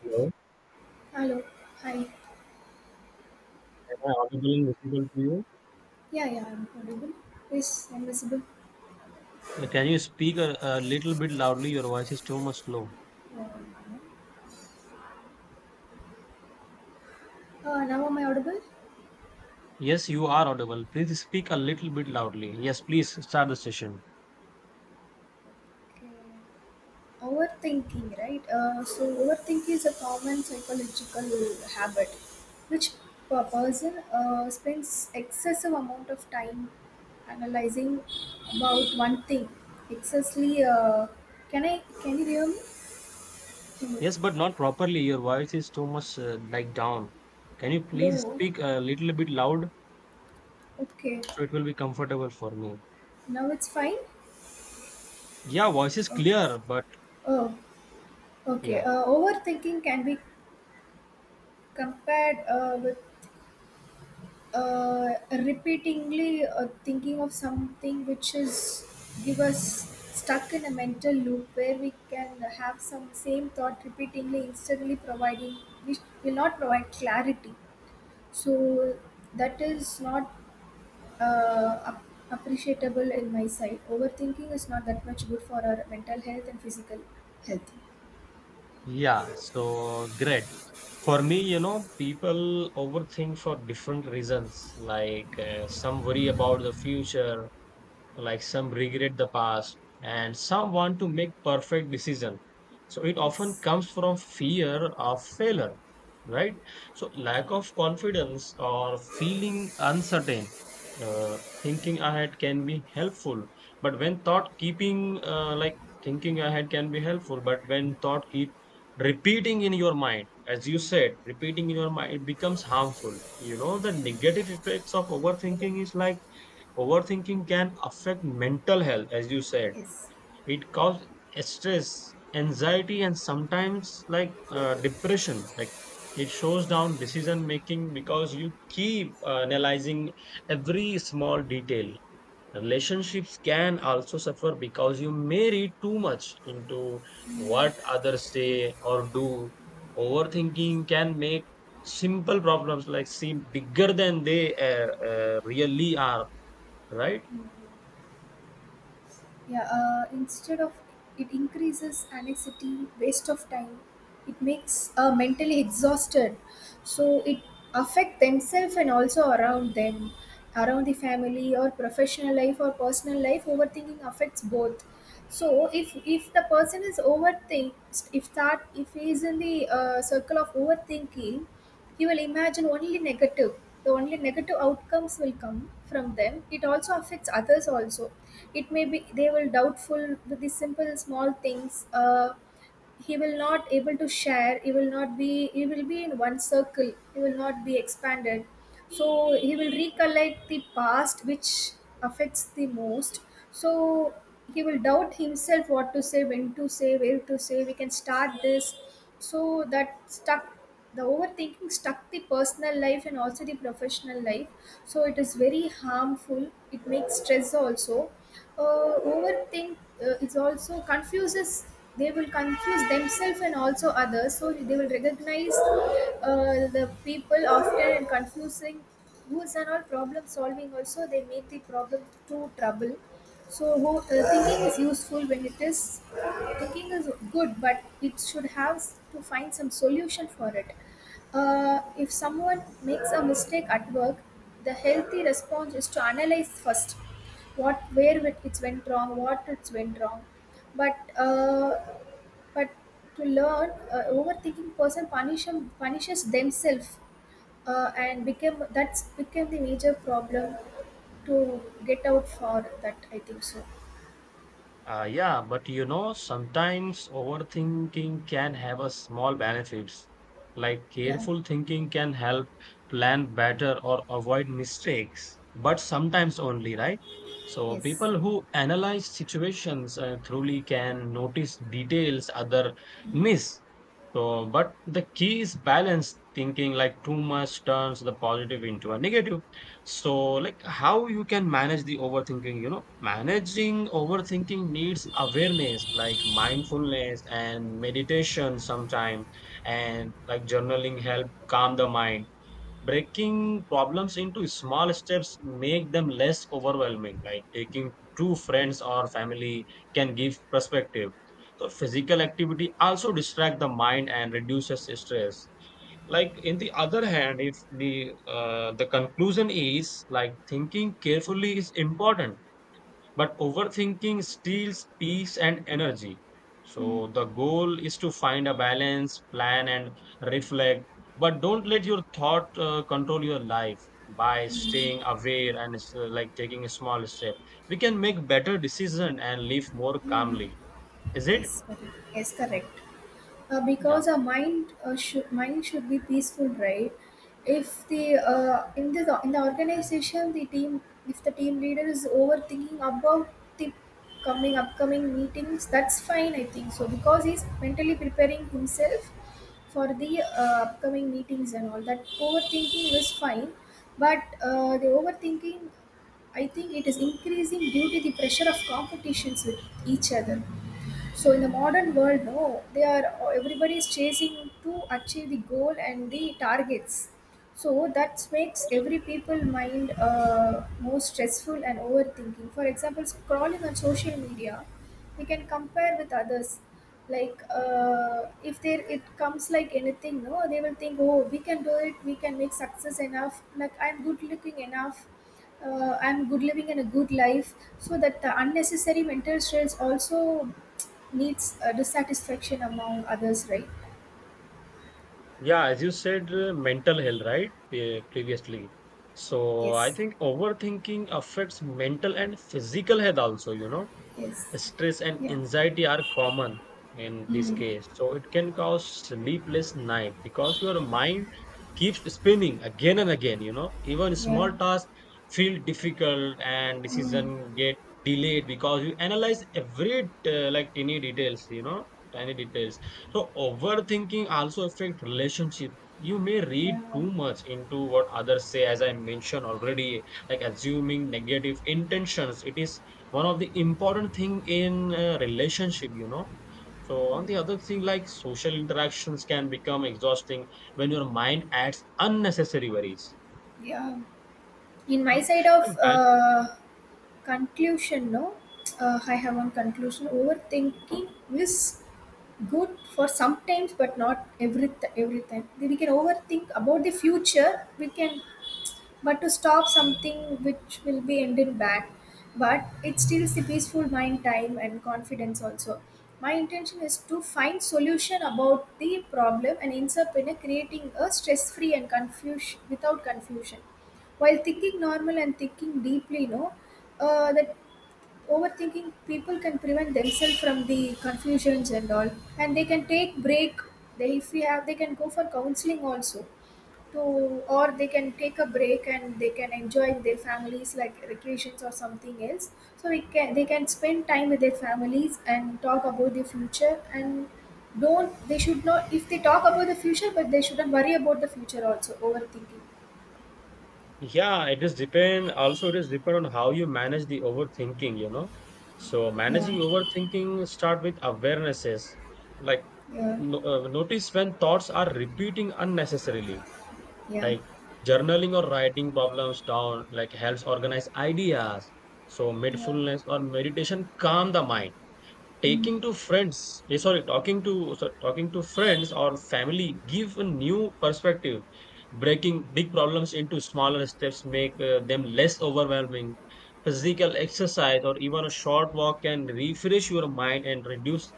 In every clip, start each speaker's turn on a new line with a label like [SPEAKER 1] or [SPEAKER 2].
[SPEAKER 1] Hello,
[SPEAKER 2] Hello. Hi.
[SPEAKER 1] am I audible and visible to you?
[SPEAKER 2] Yeah, yeah, I'm audible. Yes, I'm visible.
[SPEAKER 1] Can you speak a little bit loudly? Your voice is too much low.
[SPEAKER 2] Now am I audible?
[SPEAKER 1] Yes, you are audible. Please speak a little bit loudly. Yes, please start the session.
[SPEAKER 2] Okay. Overthinking, right? Overthinking is a common psychological habit which a person spends excessive amount of time analyzing about one thing. Excessively, can I, can you hear me? Hmm.
[SPEAKER 1] Yes, but not properly. Your voice is too much like down. Can you please
[SPEAKER 2] Low.
[SPEAKER 1] speak a little bit loud
[SPEAKER 2] Okay.
[SPEAKER 1] so it will be comfortable for me?
[SPEAKER 2] Now it's fine?
[SPEAKER 1] Yeah, voice is clear, but
[SPEAKER 2] Oh, okay.
[SPEAKER 1] yeah,
[SPEAKER 2] Overthinking can be compared with repeatedly thinking of something which is give us stuck in a mental loop where we can have some same thought repeatedly instantly providing which will not provide clarity, so that is not uh, ap- appreciable in my side. Overthinking is not that much good for our mental health and physical health.
[SPEAKER 1] yeah. So great. For me, people overthink for different reasons. Like some worry about the future, like some regret the past and some want to make perfect decision, so it often
[SPEAKER 2] Yes,
[SPEAKER 1] comes from fear of failure, right? So lack of confidence or feeling uncertain. Uh, thinking ahead can be helpful but when thought keeping like thinking ahead can be helpful but when thought keep repeating in your mind, as you said, repeating in your mind, it becomes harmful. You know, the negative effects of overthinking is like, overthinking can affect mental health, as you said.
[SPEAKER 2] yes.
[SPEAKER 1] It causes stress, anxiety, and sometimes like depression. Like it shows down decision making because you keep analyzing every small detail. Relationships can also suffer because you may read too much into what others say or do. Overthinking can make simple problems like seem bigger than they really are, right?
[SPEAKER 2] Yeah, instead of, it increases anxiety, waste of time. It makes mentally exhausted, so it affect themselves and also around them, around the family or professional life or personal life. Overthinking affects both. So if the person is overthink, if that, if he is in the circle of overthinking, you will imagine only negative. The only negative outcomes will come from them. It also affects others also. It may be they will doubtful with the simple small things. He will not able to share, he will not be, he will be in one circle, he will not be expanded, so he will recollect the past which affects the most. So he will doubt himself what to say, when to say, where to say, we can start this. So that stuck, the overthinking stuck the personal life and also the professional life. So it is very harmful, it makes stress also. Overthink Is also confuses, they will confuse themselves and also others, so they will recognize the people often and confusing rules and all. Problem solving also, they make the problem too trouble. So who, thinking is useful when it is, thinking is good but it should have to find some solution for it. If someone makes a mistake at work, the healthy response is to analyze first what, where it's went wrong, what it's went wrong, but but to learn. Overthinking person punishes themselves and became, that's became the major problem to get out for that, I think so.
[SPEAKER 1] Yeah, but you know, sometimes overthinking can have a small benefits. Like
[SPEAKER 2] Yeah.
[SPEAKER 1] careful thinking can help plan better or avoid mistakes, but sometimes only, right? So
[SPEAKER 2] Yes,
[SPEAKER 1] people who analyze situations truly can notice details other miss. So, but the key is balanced thinking, like too much turns the positive into a negative. So like how you can manage the overthinking, you know, managing overthinking needs awareness like mindfulness and meditation sometime, and like journaling help calm the mind. Breaking problems into small steps make them less overwhelming, like taking two friends or family can give perspective. So physical activity also distract the mind and reduces stress. Like, in the other hand, if the the conclusion is like thinking carefully is important, but overthinking steals peace and energy. So the goal is to find a balance, plan and reflect, but don't let your thought control your life. By staying aware and like taking a small step, we can make better decision and live more calmly. Is it?
[SPEAKER 2] yes, correct. Yes, correct.
[SPEAKER 1] Yeah.
[SPEAKER 2] Because our mind should mind should be peaceful, right? If the in the organization, the team, if the team leader is overthinking about the coming upcoming meetings, that's fine, I think so, because he's mentally preparing himself for the upcoming meetings and all that. Overthinking is fine, but the overthinking, I think it is increasing due to the pressure of competitions with each other. So in the modern world, no, they are, everybody is chasing to achieve the goal and the targets. So that makes every people mind more stressful and overthinking. For example, scrolling on social media, we can compare with others. Like if there it comes like anything, no, they will think, oh, we can do it. We can make success enough. Like, I'm good looking enough, I'm good living and a good life. So that the unnecessary mental stress also needs a dissatisfaction among others, right?
[SPEAKER 1] Yeah, as you said, mental health, right? Previously. So I
[SPEAKER 2] Yes,
[SPEAKER 1] think overthinking affects mental and physical health also, you know.
[SPEAKER 2] yes,
[SPEAKER 1] Stress and
[SPEAKER 2] yeah,
[SPEAKER 1] anxiety are common in this
[SPEAKER 2] mm,
[SPEAKER 1] case. So it can cause sleepless night because your mind keeps spinning again and again, you know. Even
[SPEAKER 2] yeah,
[SPEAKER 1] small tasks feel difficult and
[SPEAKER 2] mm,
[SPEAKER 1] decision get delayed because you analyze every like tiny details, you know, tiny details. So overthinking also affect relationship. You may read
[SPEAKER 2] yeah,
[SPEAKER 1] too much into what others say, as I mentioned already, like assuming negative intentions. It is one of the important thing in a relationship, you know. So on the other thing, like social interactions can become exhausting when your mind adds unnecessary worries,
[SPEAKER 2] yeah. In
[SPEAKER 1] you
[SPEAKER 2] my
[SPEAKER 1] know?
[SPEAKER 2] side of
[SPEAKER 1] And man-
[SPEAKER 2] conclusion, no, I have one conclusion. Overthinking is good for sometimes, but not every time. We can overthink about the future. We can, but to stop something which will be ended bad. But it steals the peaceful mind time and confidence also. My intention is to find solution about the problem and insert in a creating a stress free and confusion, without confusion, while thinking normal and thinking deeply, that overthinking people can prevent themselves from the confusions and all, and they can take break. They, if we have, they can go for counseling also to, or they can take a break and they can enjoy with their families, like vacations or something else. So we can, they can spend time with their families and talk about the future and don't, they should not, if they talk about the future but they shouldn't worry about the future also overthinking.
[SPEAKER 1] yeah, it is depend also, it is depend on how you manage the overthinking, you know. So
[SPEAKER 2] Yeah,
[SPEAKER 1] managing overthinking start with awarenesses like,
[SPEAKER 2] yeah,
[SPEAKER 1] no, notice when thoughts are repeating unnecessarily.
[SPEAKER 2] yeah,
[SPEAKER 1] Like journaling or writing problems down like helps organize ideas. So
[SPEAKER 2] yeah,
[SPEAKER 1] mindfulness or meditation calm the mind.
[SPEAKER 2] mm,
[SPEAKER 1] Taking to friends eh, sorry Talking to, talking to friends or family give a new perspective. Breaking big problems into smaller steps make them less overwhelming. Physical exercise or even a short walk can refresh your mind and reduce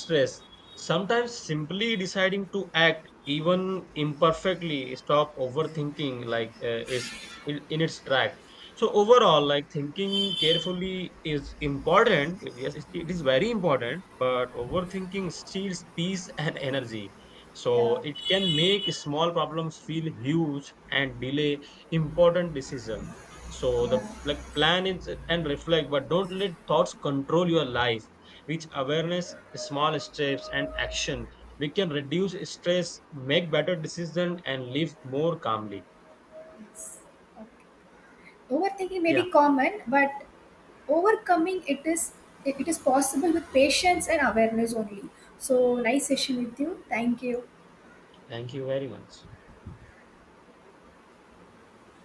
[SPEAKER 1] stress. Sometimes simply deciding to act even imperfectly stop overthinking is in its track. So overall, like thinking carefully is important. Yes, it is very important, but overthinking steals peace and energy. So
[SPEAKER 2] yeah,
[SPEAKER 1] it can make small problems feel huge and delay important decision. So
[SPEAKER 2] yeah.
[SPEAKER 1] the like plan is and reflect, but don't let thoughts control your life. With awareness, small steps, and action, we can reduce stress, make better decisions, and live more calmly.
[SPEAKER 2] Okay. Overthinking may
[SPEAKER 1] Yeah,
[SPEAKER 2] be common, but overcoming it is, it is possible with patience and awareness only. So nice session with you. Thank you.
[SPEAKER 1] thank you very much.